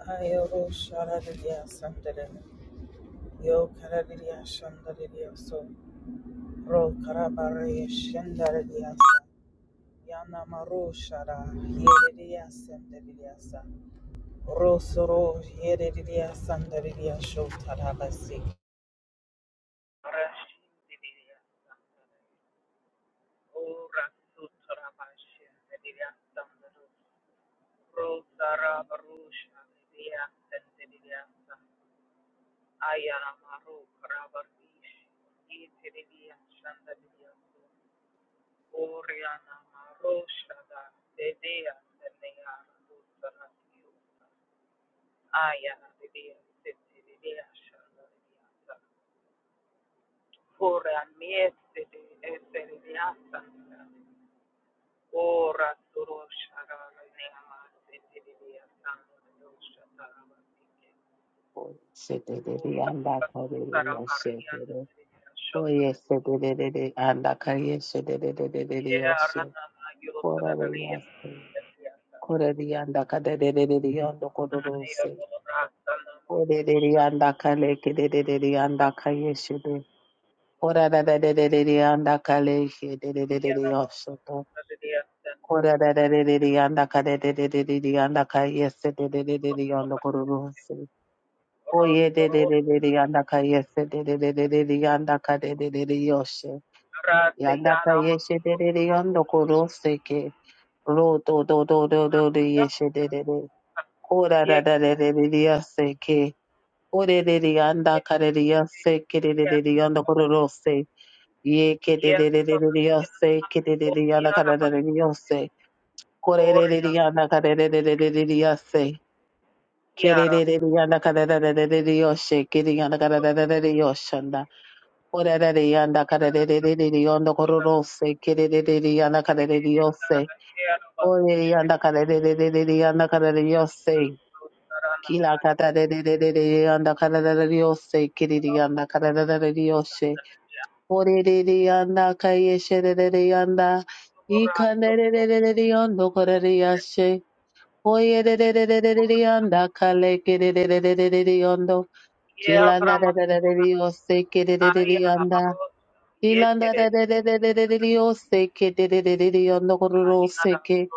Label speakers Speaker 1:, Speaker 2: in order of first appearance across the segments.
Speaker 1: Ayoro sharadiya sandere. Yo karadiya shandariya so. Ro karabare shandariya sa. Yana maro shara yeridiya sandariya sa. Ro soro yeridiya sandariya sho tarabasi.
Speaker 2: Oyesedelele andakarere yosedele. Oyesedelele andakayesedelele yose. Korare yase. Korare andakadelele yandokororose. Korere andakalekelele andakayesede. Korarararere andakalekelele yosoto. Korarararere andakadelele andakayesedelele yandokororose. O ye de de de de de yandaka yese de de de de de de yandaka de de de de yoshe. Yandaka yeshe de de de yandoko rose ke. Ro do do do do do de yeshe de de de. Kora da da de de de de yase ke. Ore de de yandaka de de yase ke de de de de yandoko rose. Ye ke de de de de de de yase ke de de de yandaka da da de de yose. Kore de de de yandaka de de de de de de de yase. ke de de de de yandaka da da da de de de yoshe. Kere yandaka da da da de de yoshe. Orerere yanda karerere yondo kororose kererere yanda karerere yose. Orere yanda karerere yanda karerere yose. Kila karerere yanda karerere yose kerere yanda karerere yose. Orere yanda kayesherere yanda ikanderere yondo korere yashe. Oyerere yanda kale kerere yondo. Kila na narerere yose kerere yanda. Ilanda da da da da da da da yo seke da da da da da yanda kororo seke.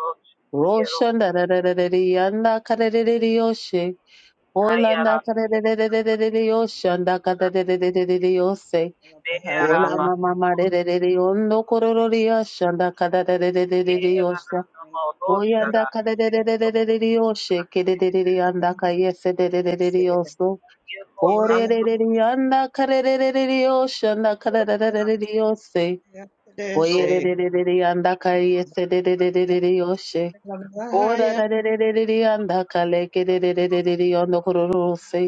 Speaker 2: Roshan da da da da da da yanda kare da da da yo she. Olanda kare da da da da da da da yo shanda kare da da da da da da yo se. Ola mama ma da da da da yondo kororo da yo shanda kare da da da da da da yo se. Oyanda kare da da da da da da da yo sheke da da da da yanda kare se da da da da da yo so. Kore da da da yanda kare da da da da yo shanda kare da da da da da yo se. Oyererererere yandakaye sedererererere yoshe. Orarererererere yandakalekedererererere yondokororose.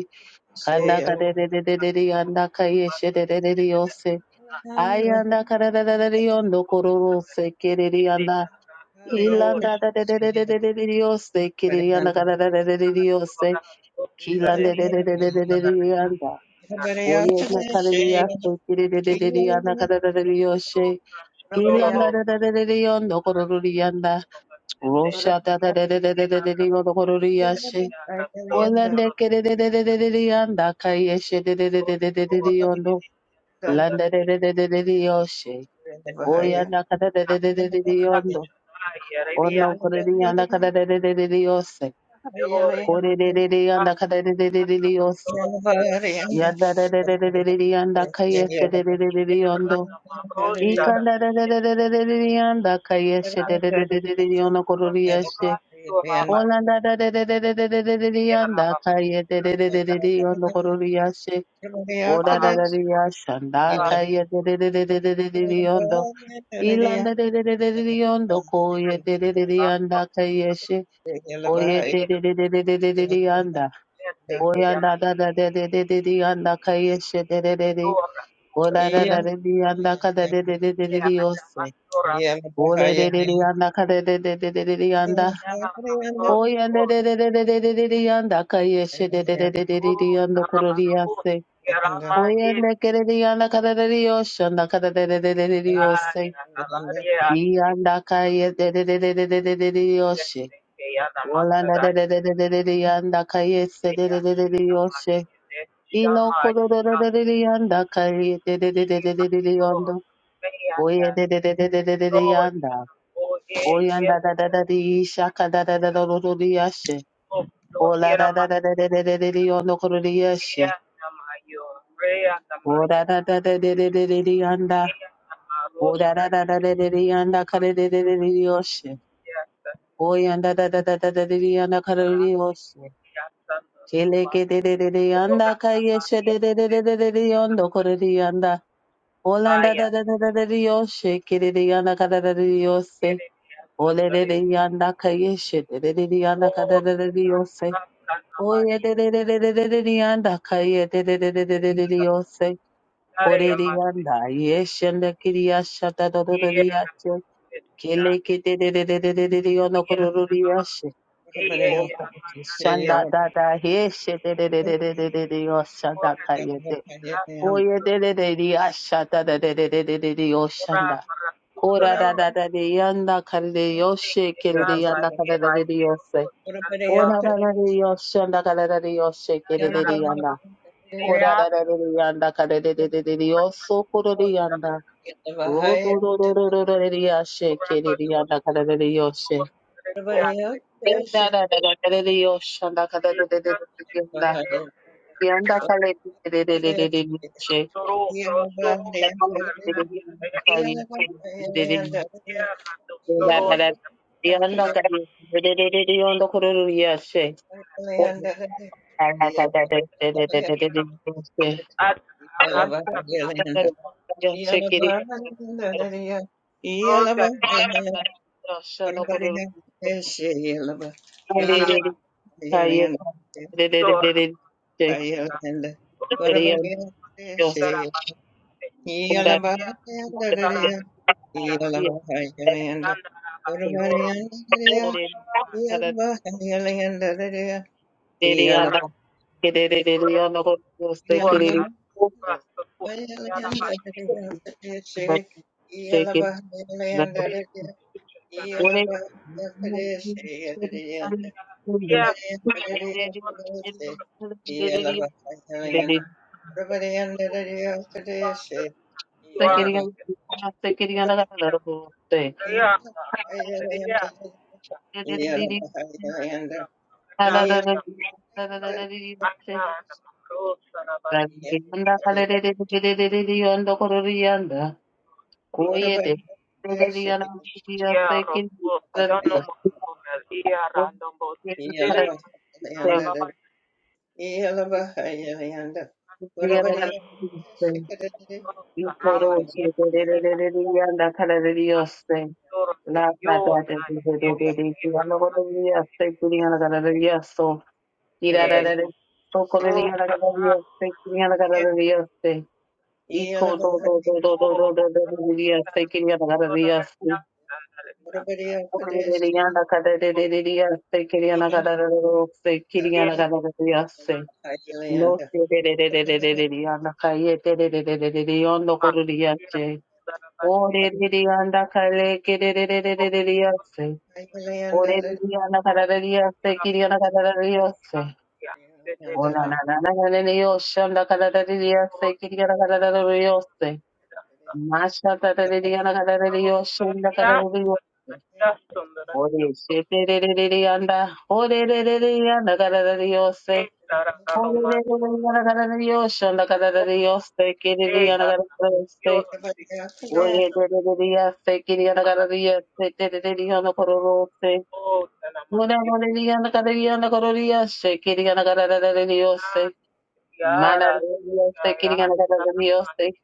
Speaker 2: Kandakadererererere yandakaye shedererere yose. Ayandakararararare yondokororose kerere yanda. Hilandadadedererererere yose kerere yandakararararare yose. Kilandedererererere yanda. Oyendakarere yase kererererere yandakarararare yoshe. Ilanda da da da da da yondo korori Rosha da
Speaker 3: Yeah.
Speaker 2: da da da da da da da da yondo korori
Speaker 3: Yeah.
Speaker 2: Olande ke da da da da da da da yanda kayeshe da da da da da da da da yondo. Landa da da da da da da yoshe. Oyanda ka da da da da da da da yondo. Ono kororiyanda yanda ka da da da da da da yose. Kore da da da yanda ka da da da da da da yose. Yanda da da da da da da da yanda kayeshe da da da da da yondo. Ikandadadadadadadadadadiyanda kayeshe dadadadadadadidiyono kororiyashe. Olandadadadadadadadadadadiyanda kayedadadadadadidiyono kororiyashe. Odadadadadiyashanda kayedadadadadadadidiyondo. Ilandadadadadadidiyondo koyedadadadadiyanda kayeshe. Koyedadadadadadadadiyanda. Oyandadadadadadadadiyanda kayeshe dadadadi. Odadadadadadiyanda kadadadadadadadiyose.
Speaker 3: Yeah.
Speaker 2: Oleleleleyanda kadeleleleleleyanda. Oyendeleleleleleyanda kayesheleleleleleyanda kororiyase. Oyanda da da da di shaka da da da da do do di yashe. Ola da da da da da da da da di yondo koro di yashe. Oda da da da da da da da di yanda. Oda da da da da da di yanda kare da da da da di yoshe. Oyanda da da da da da da di yanda kare di yoshe. Kele ke de da da de yanda ka yeshe de da da da da da di yondo koro di yanda. Ola da da da da da da di yoshe. Kere di yanda ka da da da di yoshe. Ole de de yanda ka yeshe da da da di yanda ka da da da di yoshe. Oye de de de de de de de de yanda kaye de de de de de de de de Oyededededededeyanda de koreriyanda yeshende kiriya shata do do do de yache kele kete de de de de de de oyededededeyashatadadedededeyosanda koradadadadeyanda de kerereyanda kadadadedeyose Ona da da yeshe de de de de de de de de yoshanda kaye de oye de de de de yashata da yo shanda da da da de yanda kare de yoshe kere de yanda kare de de de yose. Ona da da da yoshanda kare da da de yoshe kere de it Ora da da da yanda ka da da da da da yoso koro da yanda ro ro ro ro ro ro da da yashe ke da da yanda ka da da da yoshe da da da da da da re yoshanda ka da da da da da yanda yanda ka da da da da da da da yoshe da da da da da da
Speaker 3: Yeah.
Speaker 2: da da da da yanda ka da da da da da re yondo koro da yashe da da da da da da da da da re yoshe Take
Speaker 3: Yeah.
Speaker 2: it. Thank No, Ore dirianda kale kiriririririririyase. Ore dirianda kararariyase kiriyanda kararariyose. Ona na na na na na na yoshanda kararariyase kiriyanda kararariyose. Masha tararariyanda kararariyoshanda kararariyose. Ore shetiririririyanda. Ore ririyanda kararariyose. Ore ririyanda kararariyoshanda kararariyose
Speaker 3: Yeah.
Speaker 2: kiriyanda kararariyose.
Speaker 3: Yellow,
Speaker 2: Oye de de de de de de de de de de de se te te te diga, no cororo, se Una no le diga, no quería, no cororía, se quería la cara de Dios, se Mala de Dios, se quería la cara de Dios, se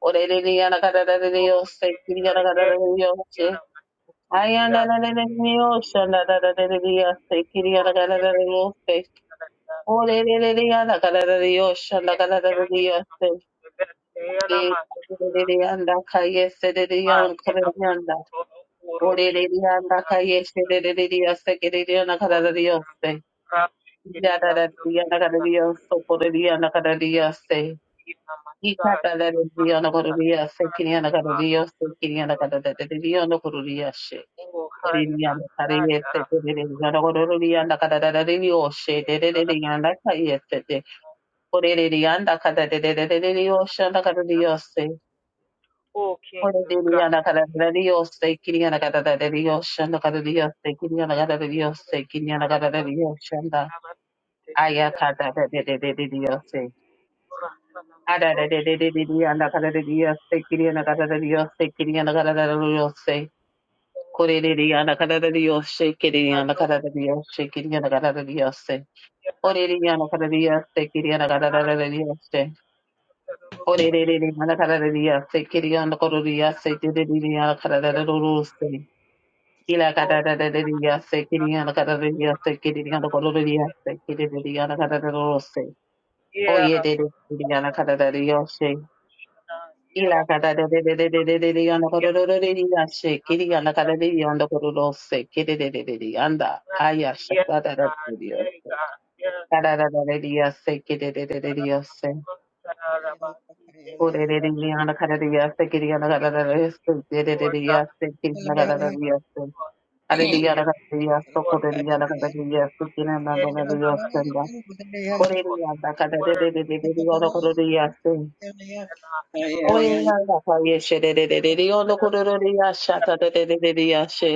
Speaker 2: Ore le diga la cara de Dios, se quería la cara de Dios, se Ay, anda la de Dios, anda la de Dios, se quería la cara de Dios, se Ore le diga la cara de Dios, anda la cara de Dios, se Le le le anda, calle, se Yanda kayese dedi yan kureyanda. Orererianda kayeserererioste kereriona karararioste. Yararariona karararioste koreriona karararioste. Ikatararariona kororioste kiriona karararioste kiriona karararariona kororioshe. Orerianda karayeste terereriona kororianda kararararioshe terererianda kayeste. Orererianda kararararioshe karararioste. Ore diría la cara de Dios, te quería la cara de Dios, la cara de Dios, te quería la cara de Dios, te quería la cara de Dios, shanda. Aya cara de de de de Dios, te Ara de de de de de diría la cara de Dios, te quería la cara de Dios, te quería la cara de Dios, te Ore diría la cara de Dios, te quería la cara de Dios, se quería la cara de Dios, te Ore diría la cara de Dios, se quería la cara de Dios, se. Ore diría la cara de Dios, te quería la cara de Dios, se quería la cara de Dios, te Kila kata tata dedi yase, kiri yana kata dedi yase, kiri yana kolo dedi yase, kiri dedi yana kata dedi ye de de kiri yana kata dedi yose. Kila kata dedi dedi dedi dedi yana kolo dedi dedi yase, kiri yana kata dedi yana kolo se kiri dedi dedi yanda ayasha kata dedi yose. Kata tata dedi yase, kiri dedi dedi yose. Ore dedi yana kata dedi yase, kiri yana kata dedi yose, dedi dedi yase, kiri yana kata dedi yase. Ariyaragadiya sokoriyaragadiya sikinanadadadiyasenda koriyadakadadadadadadiyolokorodiyase oyeyandakayeshedededediyolokorodiyashatadadadadiyashe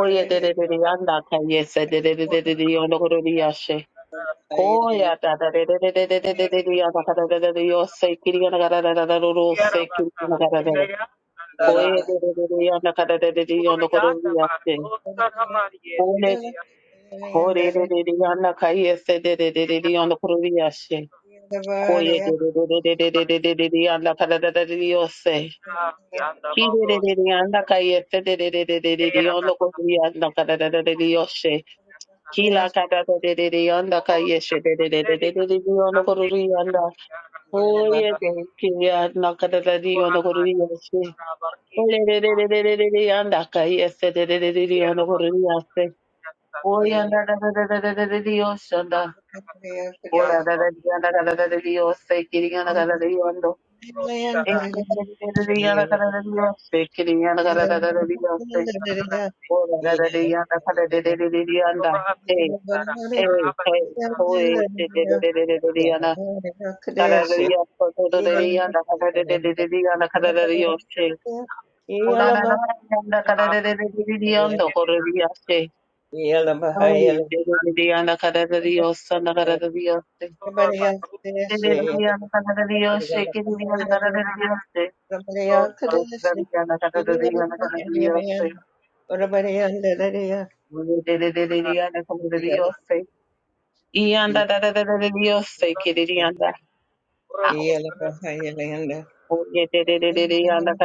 Speaker 2: oyedededediyandakayesedededediyolokorodiyashe koyadadadadadadadadadiyandakadadadadadiyose kiriyanagadadadadadadose kiriyanagadadada koyedededediyandakadadadadadiyolokorodiyase Ko re re re re yana ka yese de de de de de yana kuru yashe. Ko ye de de de de de de de de de de yana ka da da da de yose. Ki de de de de yana ka yese de de de de de de de yana kuru yana ka da da da de de yoshe. Ki la ka da da de de de yana ka yeshe de de de de de de de de yana kuru yana. Ko ye de ki yana ka da da de yana kuru yashe. Ko le de de de de de de de yana ka yese de de de de de yana kuru yashe. Oh, yeah, da da da da da da da da da Ora da da di da da da da di o se kiri da da da di ando. E se kiri da di da da da di o se kiri da da da da di o se.
Speaker 3: Yeah.
Speaker 2: Ora da da di da da da da da di anda. E e e o e se da da da da da di anda da da di o se da da di da da da da da di anda da da di o se. Ora da da di da da da da da di ando kore di o se. O e da da di da da da di o se da kada da di o se. Oye, de de de
Speaker 3: Yeah.
Speaker 2: de anda,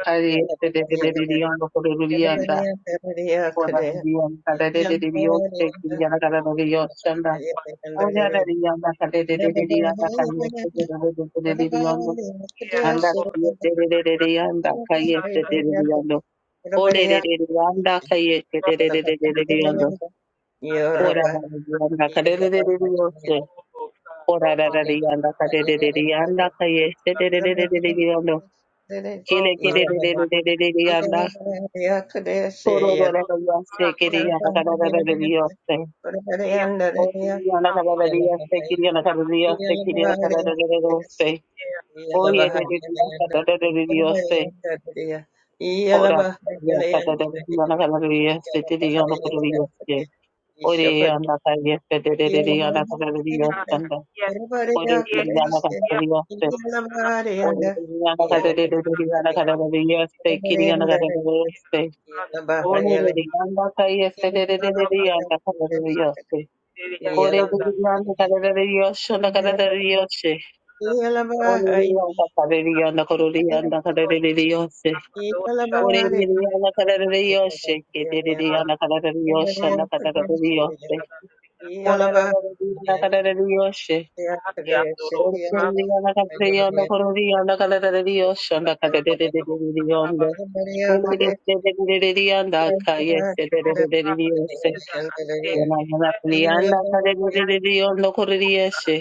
Speaker 2: calle, de de de de de de anda, por el de anda. Dios, cadere de Dios, te quería la cara de Dios, chanda. Anda de Dios, la cadere anda, te de de Dios, anda, calle, te de de Dios, ole de de Dios, anda, calle, te de de de Dios,
Speaker 3: Yalla
Speaker 2: ora de Dios, anda, cadere de Dios, ora de Dios, anda, cadere de Dios, koro koro koro yase kere yanda kara kara de de Ore Ore Dios, anda cara de Dios,
Speaker 3: Yeah.
Speaker 2: anda cara de Dios. Oreliyanda kareliyanda koreliyanda kareliyoshe. Oreliyanda kareliyoshe. Kedeliyanda kareliyoshanda kareliyoshe. Oreliyanda kareliyoshe. Oreliyanda kareliyanda koreliyanda kareliyoshanda kareliyoshe. Oreliyanda
Speaker 3: No, I'm
Speaker 2: kayeshe kareliyoshe. Oreliyanda kareliyanda koreliyoshe.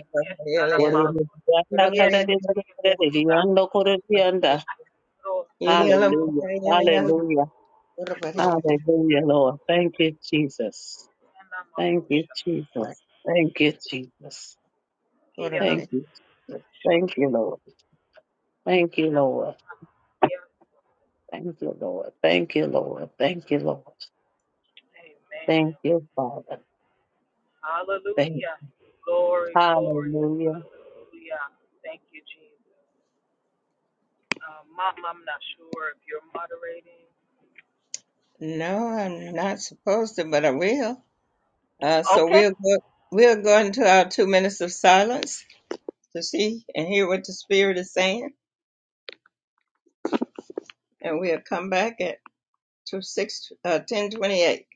Speaker 2: Oreliyanda kareliyanda koreliyanda Hallelujah. Hallelujah. Hallelujah, Lord. Thank you, Jesus. Thank you, Jesus. Thank you, Jesus. Thank you, Jesus. Thank you, Lord. Thank you, Lord. Thank you, Lord. Thank you, Lord. Thank you, Lord. Thank you, Father. Thank you. Hallelujah.
Speaker 3: not supposed to, but I will. Uh, so we'll go, we'll go into our two minutes of silence to see and hear what the Spirit is saying, and we'll come back at two six uh, ten twenty eight.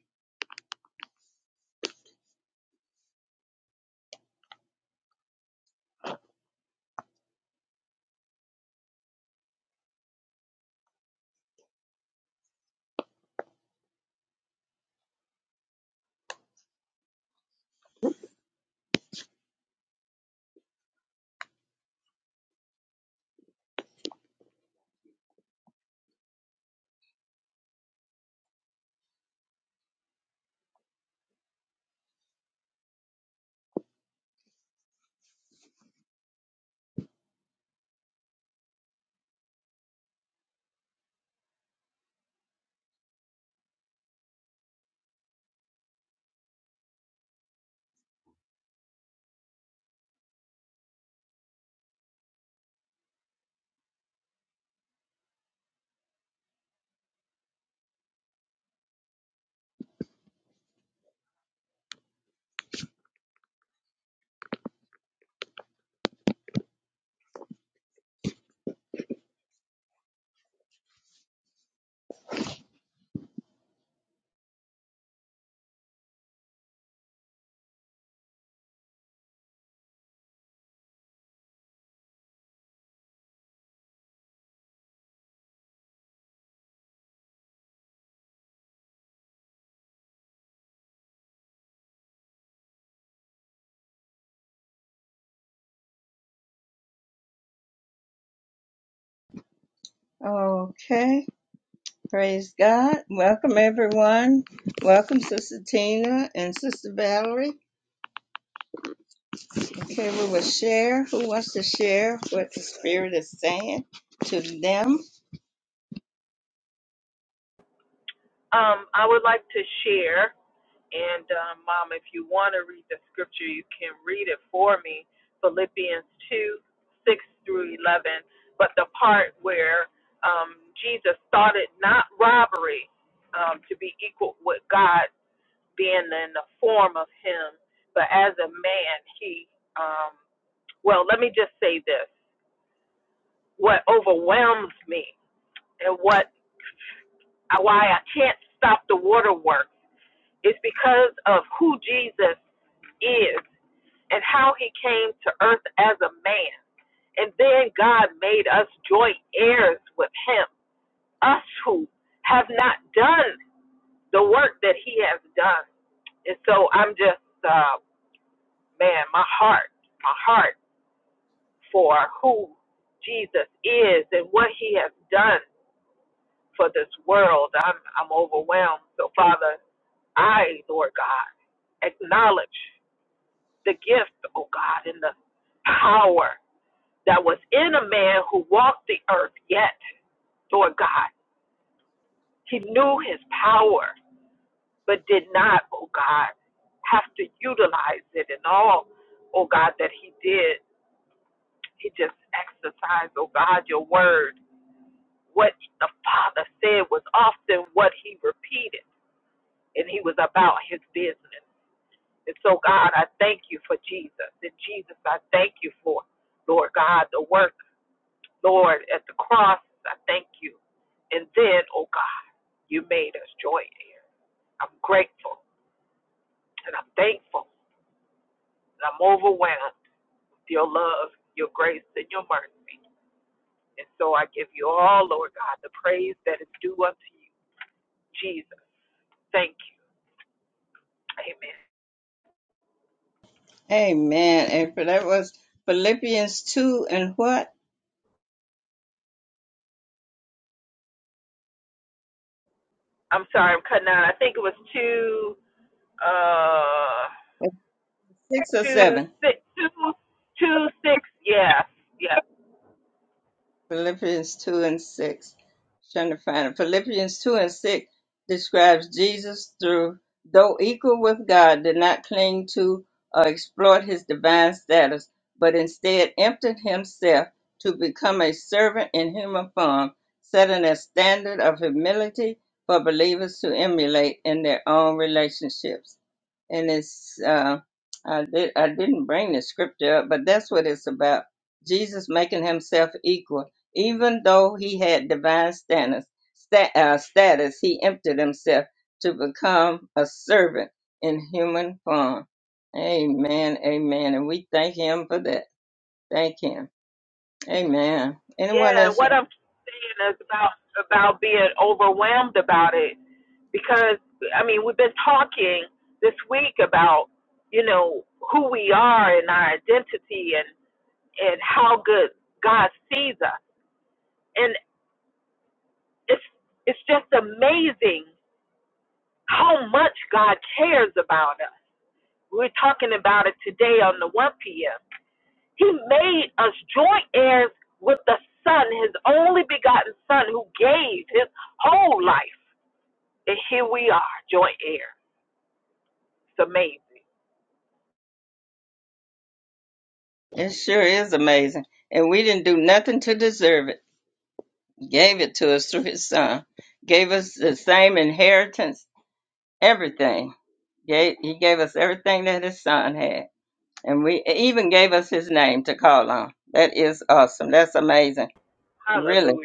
Speaker 3: Okay. Praise God. Welcome, everyone. Welcome, Sister Tina and Sister Valerie. Okay, we will share. Who wants to share what the Spirit is saying to them? Amen. And for that was Philippians 2 and what? Six or seven? Philippians 2 and 6. Trying to find it. Philippians 2 and 6 describes Jesus through, though equal with God, did not cling to or exploit his divine status, but instead emptied himself to become a servant in human form, setting a standard of humility for believers to emulate in their own relationships and it's uh, I did I didn't bring the scripture up, but that's what it's about. Jesus making himself equal, even though he had divine status, sta- uh, status, he emptied himself to become a servant in human form. Amen, amen, and we thank him for that. Thank him. Amen. Anyone else? It sure is amazing, and we didn't do nothing to deserve it. Gave it to us through his son. Gave us the same inheritance everything. Gave, he gave us everything that his son had. And we even gave us his name to call on. That is awesome. That's amazing. Really.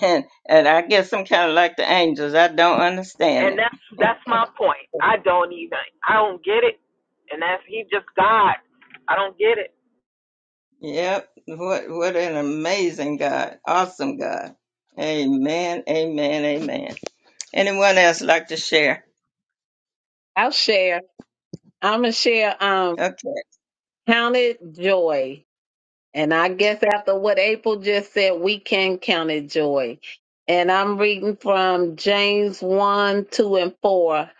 Speaker 3: And and I guess I'm kind of like the angels. I don't understand it. Yep. What what an amazing God. Awesome God. Amen. Amen. Amen. Anyone else like to share?
Speaker 2: I'll share. I'm gonna share um
Speaker 3: Okay.
Speaker 2: counted joy. And I guess after what April just said, we can count it joy. And I'm reading from James 1, 2, and 4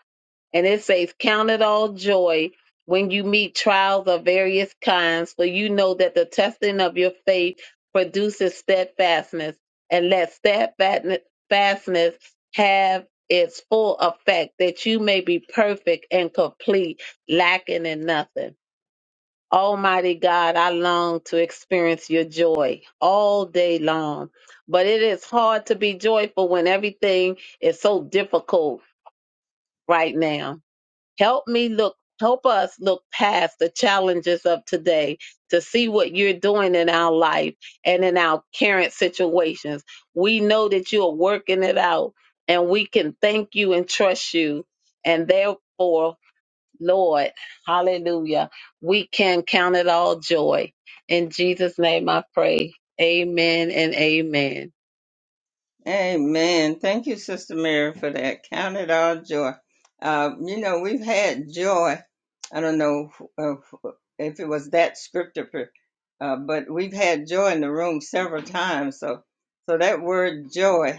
Speaker 2: And it says, Count it all joy when you meet trials of various kinds, for you know that the testing of your faith produces steadfastness. And let steadfastness have its full effect, that you may be perfect and complete, lacking in nothing. Almighty God, I long to experience your joy all day long. But it is hard to be joyful when everything is so difficult right now Help me look, help us look past the challenges of today to see what you're doing in our life and in our current situations. We know that you are working it out and we can thank you and trust you. And therefore, Lord, hallelujah, we can count it all joy. In Jesus' name I pray. Amen and amen.
Speaker 3: Amen. Thank you, Sister Mary, for that. Count it all joy. Uh, you know, we've had joy. I don't know uh, if it was that scripture, per- uh, but we've had joy in the room several times. So, so that word joy.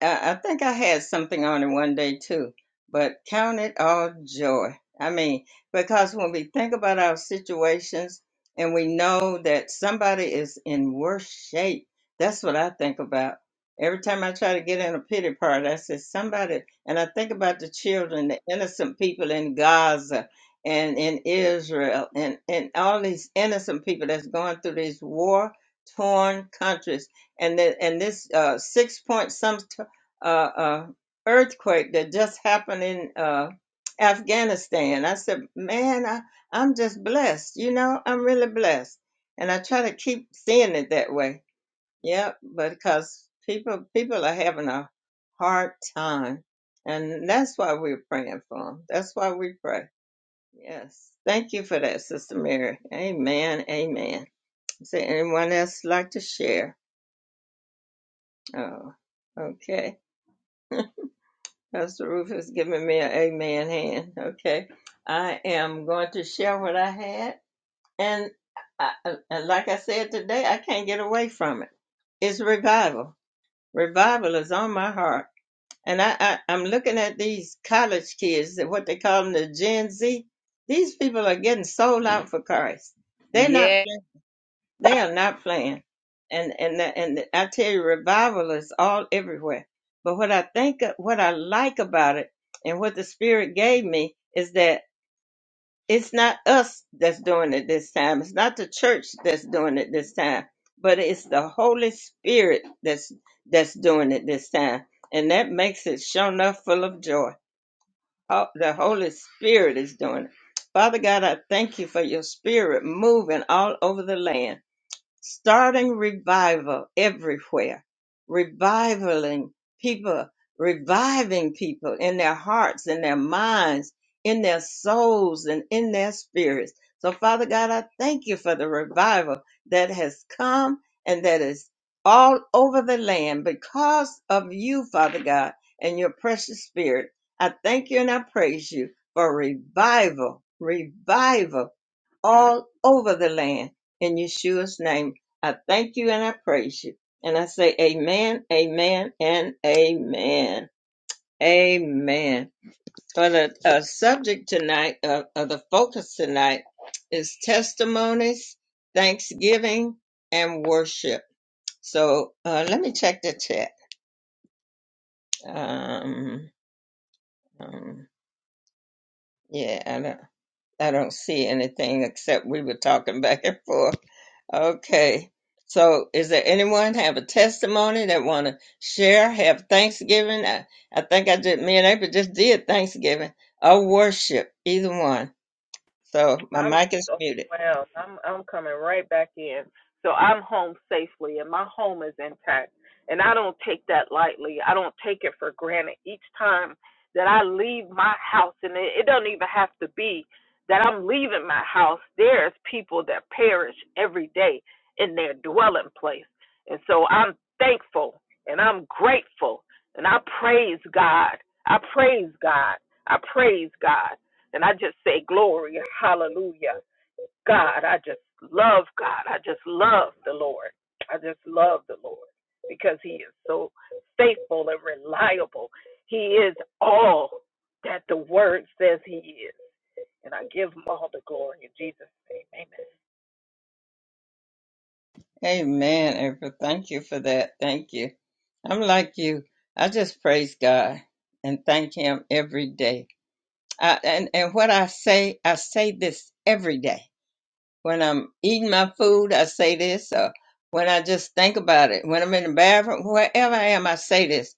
Speaker 3: I I think I had something on it one day too, but count it all joy. I mean, because when we think about our situations and we know that somebody is in worse shape, that's what I think about. Every time I try to get in a pity party, I say somebody, and I think about the children, the innocent people in Gaza and in Israel, and, and all these innocent people that's going through these war torn countries and the, and this uh, six point some uh, uh, earthquake that just happened in uh, Afghanistan. I said, man, I, I'm just blessed. You know, I'm really blessed. And I try to keep seeing it that way. Yeah, because people people are having a hard time. And that's why we're praying for them. That's why we pray. Yes. Thank you for that, Sister Mary. Amen. Amen. Is there anyone else like to share? Oh, okay. Pastor Rufus giving me an amen hand. Okay. I am going to share what I had. And, I, and like I said today, I can't get away from it. It's revival. Revival is on my heart. And I, I, I'm looking at these college kids, what they call them, the Gen Z. These people are getting sold out for Christ. They're not
Speaker 2: Yeah.
Speaker 3: they are not playing. And and and I tell you, revival is all everywhere. But what I think, what I like about it, and what the Spirit gave me is that it's not us that's doing it this time. It's not the church that's doing it this time, but it's the Holy Spirit that's that's doing it this time, and that makes it sure enough full of joy. Ho- The Holy Spirit is doing it. Father God, I thank you for your Spirit moving all over the land starting revival everywhere, reviving people, reviving people in their hearts, in their minds, in their souls, and in their spirits. So, Father God, I thank you for the revival that has come and that is all over the land because of you, Father God, and your precious spirit. I thank you and I praise you for revival, revival all over the land. In Yeshua's name, I thank you and I praise you. And I say amen, amen, and amen. Amen. For the uh, subject tonight, uh, of the focus tonight, is testimonies, thanksgiving, and worship. So uh, let me check the chat. Um, um, yeah, I don't, I don't see anything except we were talking back and forth. Okay. So is there anyone have a testimony that want to share, have Thanksgiving? I, I think I just, me and April just did Thanksgiving or worship, either one. So my mic is muted. Amen, April. Thank you for that. Thank you. I'm like you. I just praise God and thank Him every day. I, and, and what I say, I say this every day When I'm eating my food, I say this. Or when I just think about it, when I'm in the bathroom, wherever I am, I say this.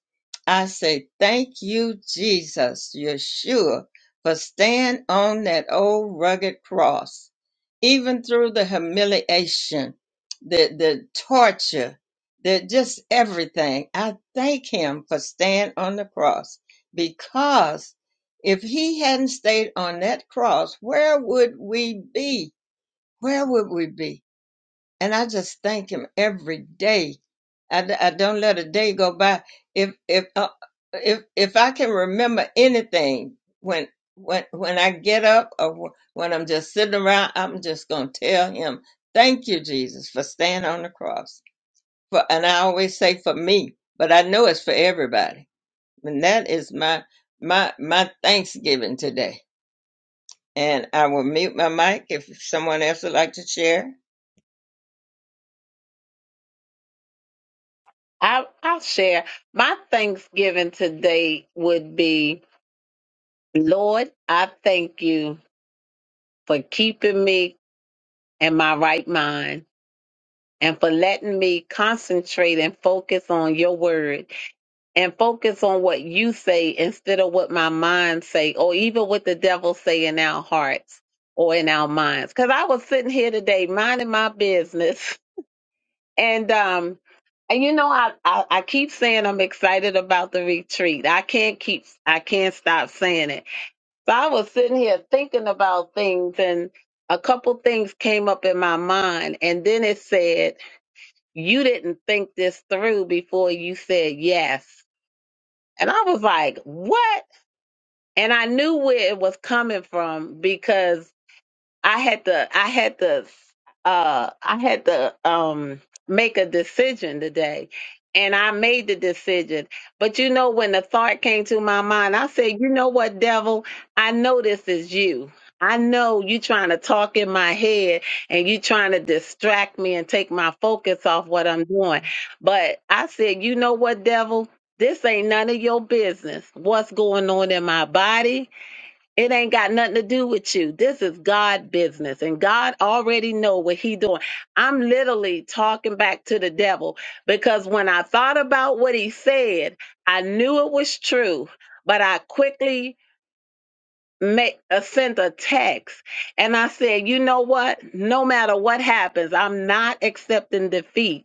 Speaker 3: I say, Thank you, Jesus, Yeshua, for staying on that old rugged cross. Even through the humiliation, the, the torture, the just everything, I thank him for staying on the cross because if he hadn't stayed on that cross, where would we be? where would we be? And I just thank Him every day. I, d- I don't let a day go by. If if uh, if if I can remember anything when when when I get up or wh- when I'm just sitting around, I'm just gonna tell Him, "Thank you, Jesus, for staying on the cross." For and I always say for me, but I know it's for everybody. And that is my my my Thanksgiving today. And I will mute my mic if someone else would like to share.
Speaker 2: I, I'll share. My Thanksgiving today would be Lord, I thank you for keeping me in my right mind and for letting me concentrate and focus on your word and focus on what you say instead of what my mind say or even what the devil say in our hearts or in our minds. Cause I was sitting here today minding my business and, um, and you know, I, I, I keep saying I'm excited about the retreat. I can't keep, I can't stop saying it So I was sitting here thinking about things, and a couple things came up in my mind. And then it said, You didn't think this through before you said yes. And I was like, What? And I knew where it was coming from because I had to I had to uh I had to um make a decision today and I made the decision. But you know when the thought came to my mind, I said, "You know what, devil? I know this is you. I know you trying to talk in my head and you trying to distract me and take my focus off what I'm doing." But I said, "You know what, devil? This ain't none of your business. What's going on in my body? It ain't got nothing to do with you. This is God business and God already know what he doing. I'm literally talking back to the devil because when I thought about what he said, I knew it was true, but I quickly make a sent a text and I said, "You know what? No matter what happens, I'm not accepting defeat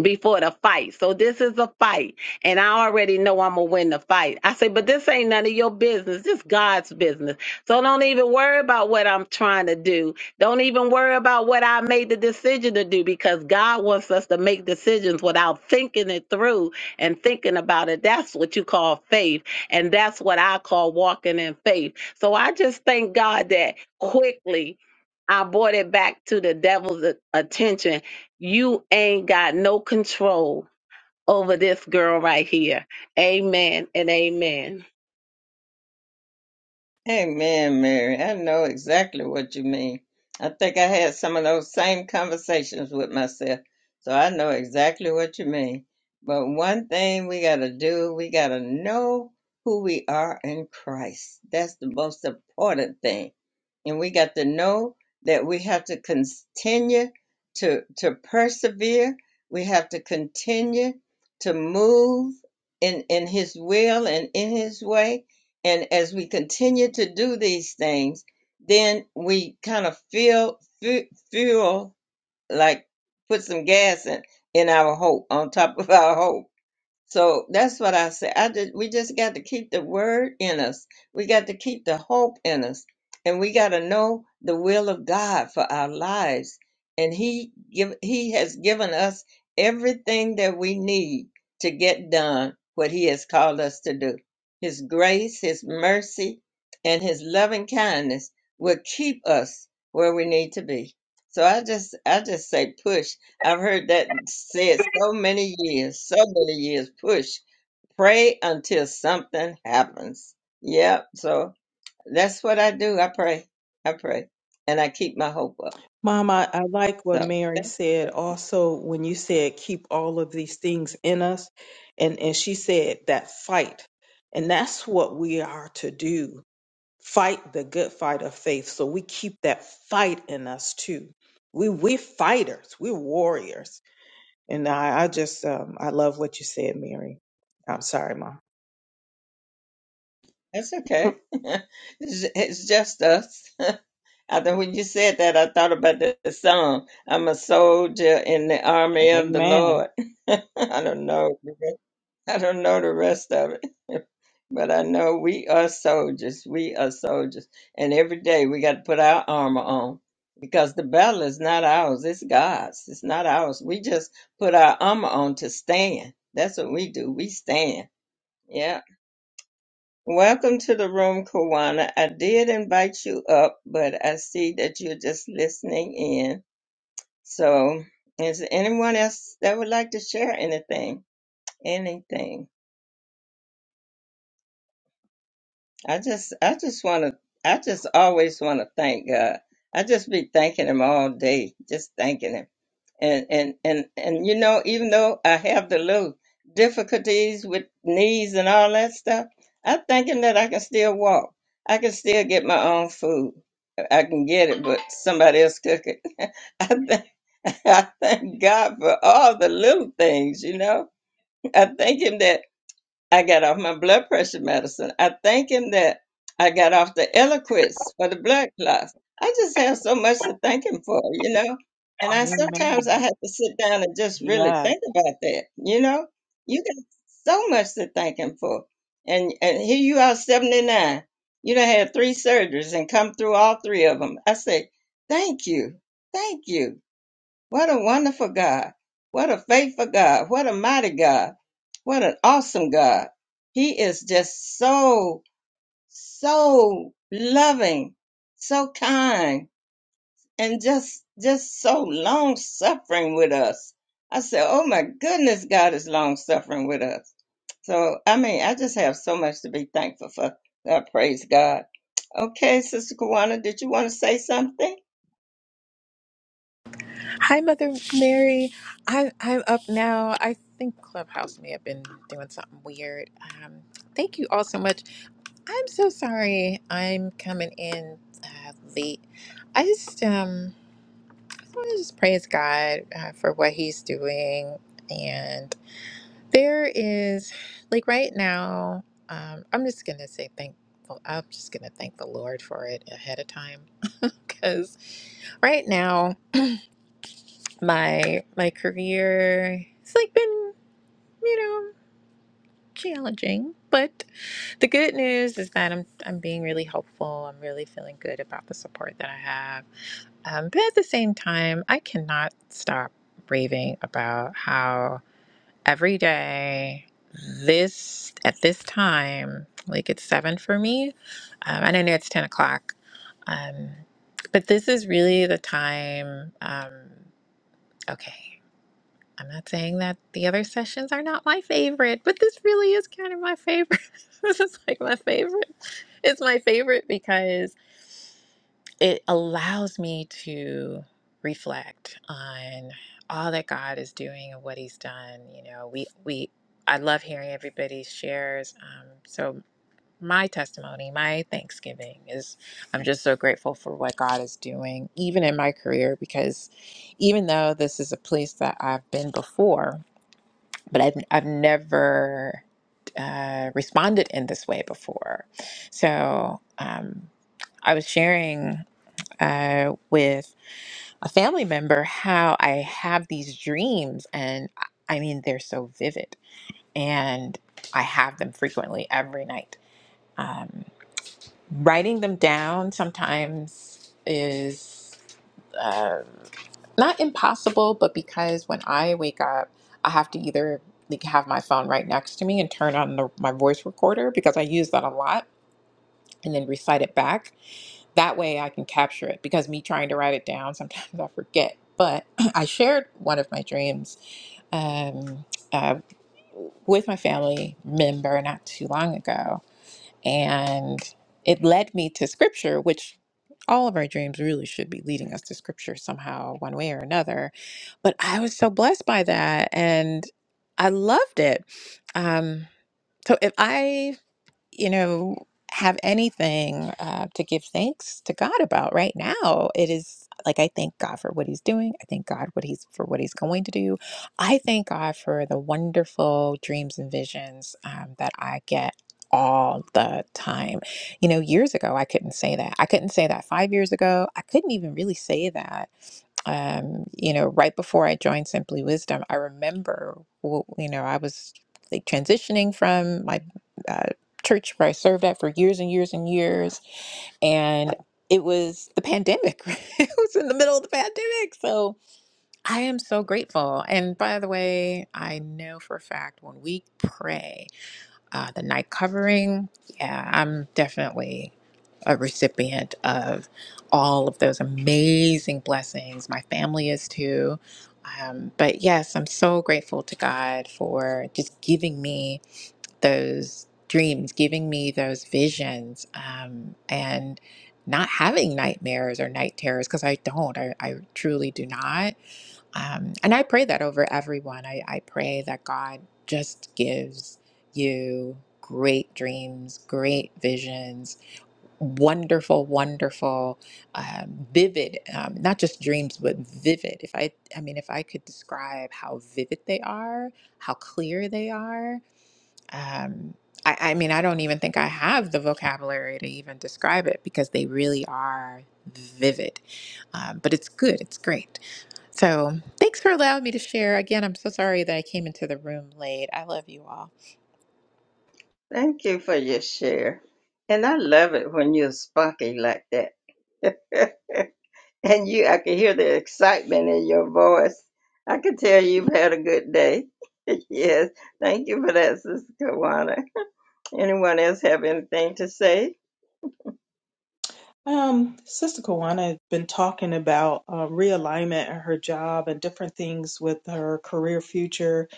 Speaker 2: before the fight. So this is a fight, and I already know I'm gonna win the fight. I say, but this ain't none of your business. This God's business. So don't even worry about what I'm trying to do. Don't even worry about what I made the decision to do because God wants us to make decisions without thinking it through and thinking about it. That's what you call faith, and that's what I call walking in faith. So I just thank God that quickly I brought it back to the devil's a- attention you ain't got no control over this girl right here. Amen and amen.
Speaker 3: Amen, Mary. I know exactly what you mean. I think I had some of those same conversations with myself, so I know exactly what you mean. But one thing we got to do, we got to know who we are in Christ. That's the most important thing and we got to know that we have to continue to to persevere we have to continue to move in in his will and in his way and as we continue to do these things then we kind of feel fe- feel like put some gas in in our hope on top of our hope so that's what I say. I just we just got to keep the word in us. We got to keep the hope in us, and we got to know the will of God for our lives. And He give He has given us everything that we need to get done what He has called us to do. His grace, His mercy, and His loving kindness will keep us where we need to be. So I just I just say push I've heard that said so many years, so many years. Push, pray until something happens. Yep. So that's what I do. I pray. I pray, and I keep my hope up.
Speaker 1: Mama, I I like what
Speaker 3: So
Speaker 1: Mary
Speaker 3: thank
Speaker 1: said also when you said keep all of these things in us. And, and she said that fight. And that's what we are to do. fight the good fight of faith. So we keep that fight in us too. We we fighters, we're warriors. And I, I just um, I love what you said, Mary. I'm sorry, Mom.
Speaker 3: that's okay. it's it's just us. I think when you said that, I thought about the, the song. I'm a soldier in the army of the
Speaker 1: Amen.
Speaker 3: Lord. I don't know. I don't know the rest of it, but I know we are soldiers. We are soldiers. And every day we got to put our armor on because the battle is not ours, it's God's. It's not ours. We just put our armor on to stand. That's what we do. We stand. Yeah. Welcome to the room, Kawana. I did invite you up, but I see that you're just listening in. So, is there anyone else that would like to share anything? Anything? I just I just want to I just always want to thank God. I just be thanking him all day, just thanking him. And and and and you know, even though I have the little difficulties with knees and all that stuff, I'm thinking that I can still walk. I can still get my own food. I can get it, but somebody else cook it. I, th- I thank God for all the little things, you know. I thank Him that I got off my blood pressure medicine. I thank him that I got off the Eliquis for the blood clots. I just have so much to thank him for, you know. And I sometimes I
Speaker 1: Amen.
Speaker 3: have to sit down and just really
Speaker 1: Yeah.
Speaker 3: think about that, you know. You got so much to thank him for, and and here you are, seventy nine. You done had three surgeries and come through all three of them. I say, thank you, thank you what a wonderful God. What a faithful God. What a mighty God. What an awesome God. He is just so, so loving, so kind, and just, just so long suffering with us. I said, Oh my goodness, God is long suffering with us. So, I mean, I just have so much to be thankful for. I praise God. Okay, Sister Kawana, did you want to say something?
Speaker 4: Hi, Mother Mary. I'm I'm up now. I think Clubhouse may have been doing something weird. Um, thank you all so much. I'm so sorry. I'm coming in uh, late. I just um I want to just praise God uh, for what He's doing, and there is like right now. Um, I'm just gonna say thankful. I'm just gonna thank the Lord for it ahead of time because right now my my career it's like been you know challenging but the good news is that i'm i'm being really helpful i'm really feeling good about the support that i have um, but at the same time i cannot stop raving about how every day this at this time like it's seven for me um, and i know it's 10 o'clock um, but this is really the time um, okay I'm not saying that the other sessions are not my favorite, but this really is kind of my favorite. this is like my favorite. It's my favorite because it allows me to reflect on all that God is doing and what He's done. You know, we we I love hearing everybody's shares. Um, so my testimony, my Thanksgiving is I'm just so grateful for what God is doing, even in my career, because even though this is a place that I've been before but I've I've never uh, responded in this way before. So um, I was sharing uh, with a family member how I have these dreams, and I I mean they're so vivid, and I have them frequently every night. Um, writing them down sometimes is uh, not impossible, but because when I wake up, I have to either like have my phone right next to me and turn on the, my voice recorder because I use that a lot and then recite it back. That way I can capture it because me trying to write it down, sometimes I forget. But I shared one of my dreams um, uh, with my family member not too long ago and it led me to scripture, which all of our dreams really should be leading us to scripture somehow, one way or another. But I was so blessed by that and I loved it. Um, so if I you know, have anything uh, to give thanks to God about right now. It is like I thank God for what He's doing. I thank God what He's for what He's going to do. I thank God for the wonderful dreams and visions um, that I get all the time. You know, years ago I couldn't say that. I couldn't say that five years ago. I couldn't even really say that um, you know, right before I joined Simply Wisdom, I remember, w- you know, I was like transitioning from my uh, church where I served at for years and years and years, and it was the pandemic. it was in the middle of the pandemic, so I am so grateful. And by the way, I know for a fact when we pray uh, the night covering. Yeah, I'm definitely a recipient of all of those amazing blessings. My family is too. Um, but yes, I'm so grateful to God for just giving me those dreams, giving me those visions, um, and not having nightmares or night terrors because I don't. I, I truly do not. Um, and I pray that over everyone. I, I pray that God just gives you great dreams, great visions, wonderful, wonderful, um, vivid, um, not just dreams, but vivid. If I, I mean, if I could describe how vivid they are, how clear they are, um, I, I mean, I don't even think I have the vocabulary to even describe it because they really are vivid. Um, but it's good, it's great. So thanks for allowing me to share. Again, I'm so sorry that I came into the room late. I love you all.
Speaker 3: Thank you for your share. And I love it when you're spunky like that. and you, I can hear the excitement in your voice. I can tell you've had a good day. yes. Thank you for that, Sister Kawana. Anyone else have anything to say?
Speaker 1: Um, Sister Kawana has been talking about uh, realignment in her job and different things with her career future.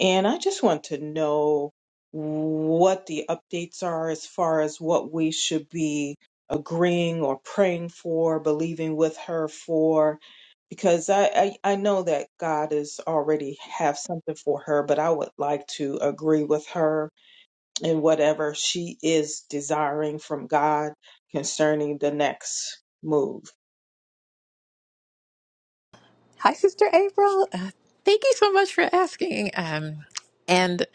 Speaker 1: And I just want to know what the updates are as far as what we should be agreeing or praying for, believing with her for, because I, I, I know that God is already have something for her, but I would like to agree with her and whatever she is desiring from God concerning the next move.
Speaker 4: Hi, Sister April. Uh, thank you so much for asking. Um, and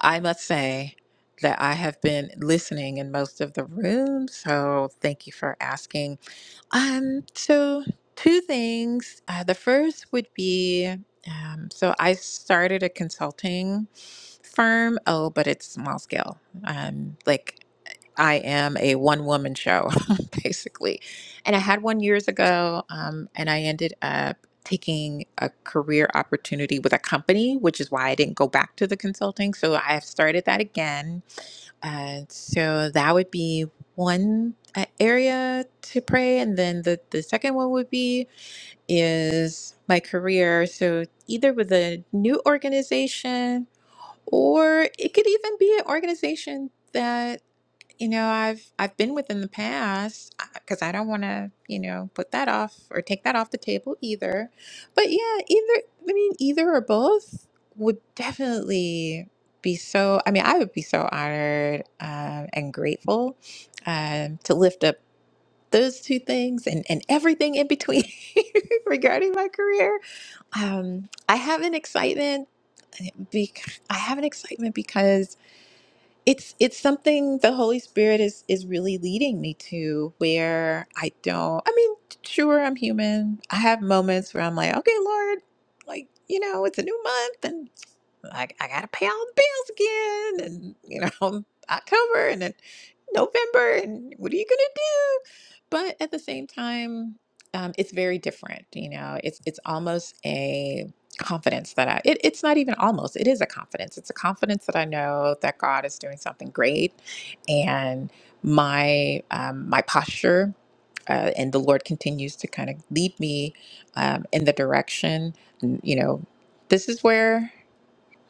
Speaker 4: I must say that I have been listening in most of the room. So thank you for asking. Um, so two things. Uh, the first would be um, so I started a consulting firm. Oh, but it's small scale. Um, like I am a one woman show, basically. And I had one years ago, um, and I ended up taking a career opportunity with a company, which is why I didn't go back to the consulting. So I have started that again. Uh, so that would be one uh, area to pray. And then the, the second one would be is my career. So either with a new organization, or it could even be an organization. that. You know, I've I've been with in the past because I don't want to, you know, put that off or take that off the table either. But yeah, either I mean, either or both would definitely be so. I mean, I would be so honored um, and grateful um, to lift up those two things and and everything in between regarding my career. Um, I have an excitement. eh, Bec- I have an excitement because it's it's something the holy spirit is is really leading me to where i don't i mean sure i'm human i have moments where i'm like okay lord like you know it's a new month and i, I gotta pay all the bills again and you know october and then November and what are you gonna do? But at the same time, um, it's very different. You know, it's it's almost a confidence that I. It, it's not even almost. It is a confidence. It's a confidence that I know that God is doing something great, and my um, my posture. Uh, and the Lord continues to kind of lead me um, in the direction. You know, this is where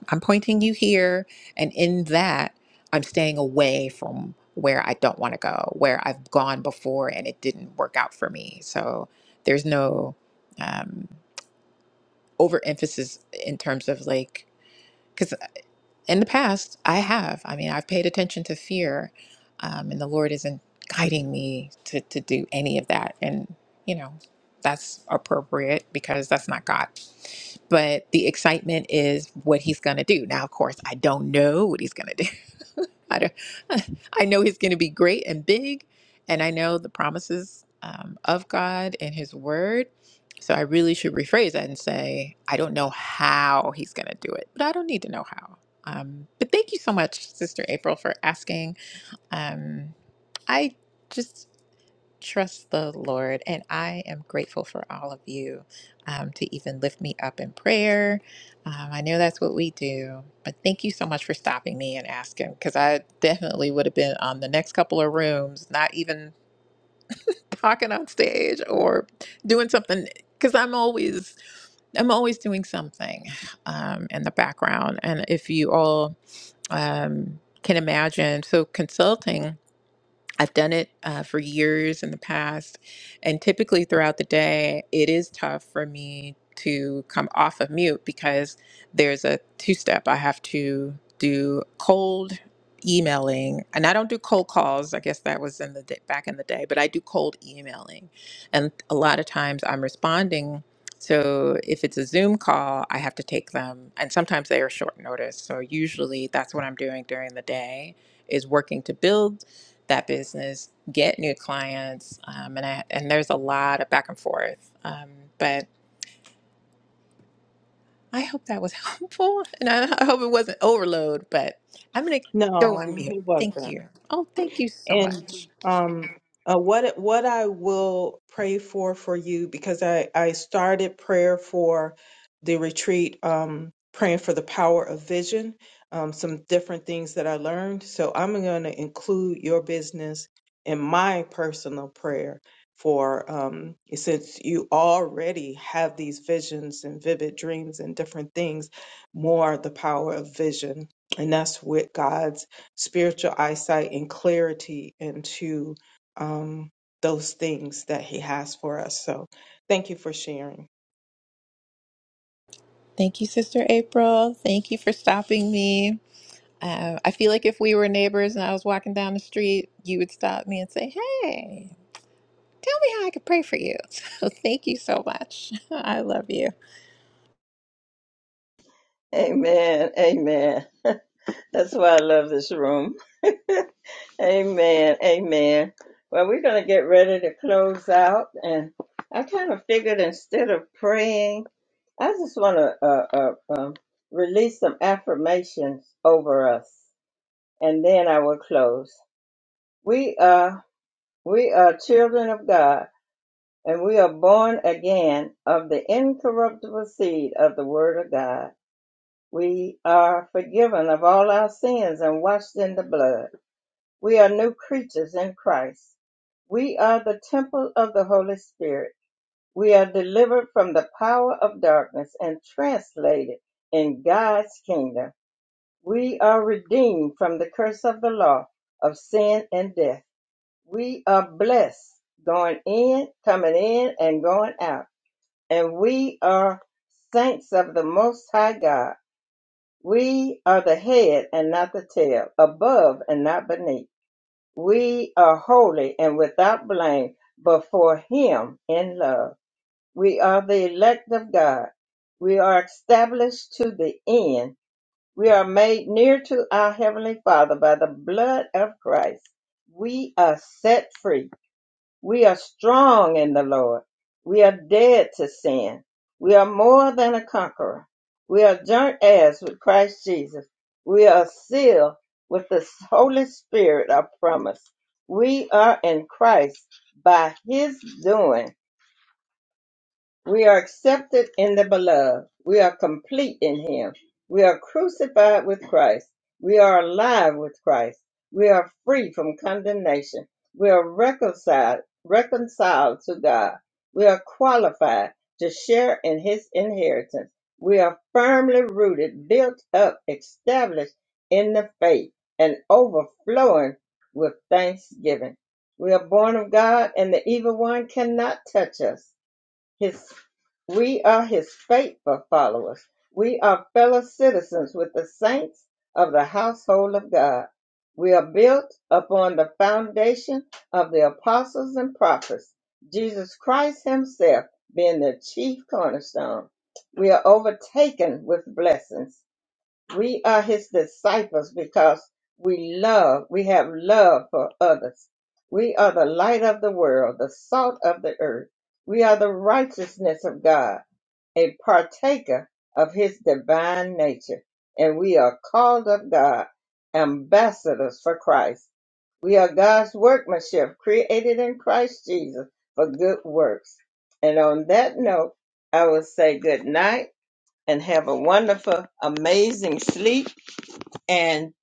Speaker 4: I'm pointing you here, and in that, I'm staying away from where I don't want to go, where I've gone before and it didn't work out for me. So there's no um, overemphasis in terms of like, because in the past, I have. I mean, I've paid attention to fear, um, and the Lord isn't guiding me to, to do any of that. And, you know, that's appropriate because that's not God. But the excitement is what He's going to do. Now, of course, I don't know what He's going to do I don't, I know he's going to be great and big, and I know the promises um, of God and His Word. So I really should rephrase that and say, I don't know how he's going to do it, but I don't need to know how. Um, but thank you so much, Sister April, for asking. Um, I just Trust the Lord. And I am grateful for all of you um, to even lift me up in prayer. Um, I know that's what we do. But thank you so much for stopping me and asking because I definitely would have been on the next couple of rooms, not even talking on stage or doing something because I'm always. I'm always doing something um, in the background. And if you all um, can imagine, so consulting I've done it uh, for years in the past. And typically throughout the day, it is tough for me to come off of mute because there's a two step. I have to do cold emailing and I don't do cold calls. I guess that was in the day, back in the day, but I do cold emailing. And a lot of times I'm responding. So if it's a Zoom call, I have to take them. And sometimes they are short notice. So usually that's what I'm doing during the day is working to build that business, get new clients, um, and I, and there's a lot of back and forth. Um, but I hope that was helpful, and I, I hope it wasn't overload. But I'm gonna go on
Speaker 1: No,
Speaker 4: mute.
Speaker 1: it
Speaker 4: Thank
Speaker 1: wasn't.
Speaker 4: you. Oh, thank you so
Speaker 1: And
Speaker 4: much.
Speaker 1: um, uh, what what I will pray for for you because I I started prayer for the retreat, um, praying for the power of vision, um, some different things that I learned. So I'm going to include your business in my personal prayer for um, since you already have these visions and vivid dreams and different things, more the power of vision, and that's with God's spiritual eyesight and clarity into um, those things that He has for us. So, thank you for sharing.
Speaker 4: Thank you, Sister April. Thank you for stopping me. Uh, I feel like if we were neighbors and I was walking down the street, you would stop me and say, "Hey, tell me how I could pray for you." So thank you so much. I love you.
Speaker 3: Amen. Amen. That's why I love this room. Amen. Amen. Well, we're going to get ready to close out. And I kind of figured instead of praying, I just want to uh, uh, uh, release some affirmations over us, and then I will close. We are we are children of God, and we are born again of the incorruptible seed of the Word of God. We are forgiven of all our sins and washed in the blood. We are new creatures in Christ. We are the temple of the Holy Spirit. We are delivered from the power of darkness and translated in God's kingdom. We are redeemed from the curse of the law of sin and death. We are blessed going in, coming in, and going out. And we are saints of the Most High God. We are the head and not the tail, above and not beneath. We are holy and without blame before Him in love. We are the elect of God. We are established to the end. We are made near to our Heavenly Father by the blood of Christ. We are set free. We are strong in the Lord. We are dead to sin. We are more than a conqueror. We are joint heirs with Christ Jesus. We are sealed with the Holy Spirit of promise. We are in Christ by His doing we are accepted in the beloved. We are complete in him. We are crucified with Christ. We are alive with Christ. We are free from condemnation. We are reconciled, reconciled to God. We are qualified to share in his inheritance. We are firmly rooted, built up, established in the faith, and overflowing with thanksgiving. We are born of God, and the evil one cannot touch us. His, we are his faithful followers. We are fellow citizens with the saints of the household of God. We are built upon the foundation of the apostles and prophets, Jesus Christ himself being the chief cornerstone. We are overtaken with blessings we are his disciples because we love, we have love for others. We are the light of the world, the salt of the earth. We are the righteousness of God, a partaker of his divine nature. And we are called of God, ambassadors for Christ. We are God's workmanship, created in Christ Jesus for good works. And on that note, I will say good night and have a wonderful, amazing sleep and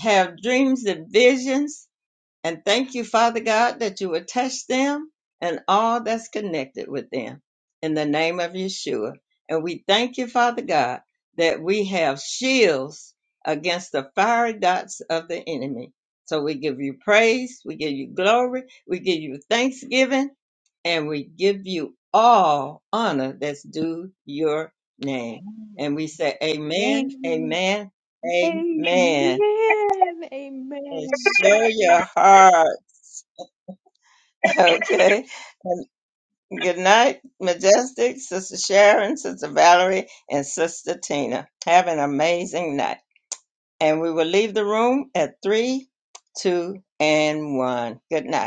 Speaker 3: have dreams and visions. And thank you, Father God, that you would touch them and all that's connected with them in the name of Yeshua. And we thank you, Father God, that we have shields against the fiery dots of the enemy. So we give you praise, we give you glory, we give you thanksgiving, and we give you all honor that's due your name. And we say, Amen, Amen, Amen. And Show your heart. Okay. And good night, Majestic, Sister Sharon, Sister Valerie, and Sister Tina. Have an amazing night. And we will leave the room at three, two, and one. Good night.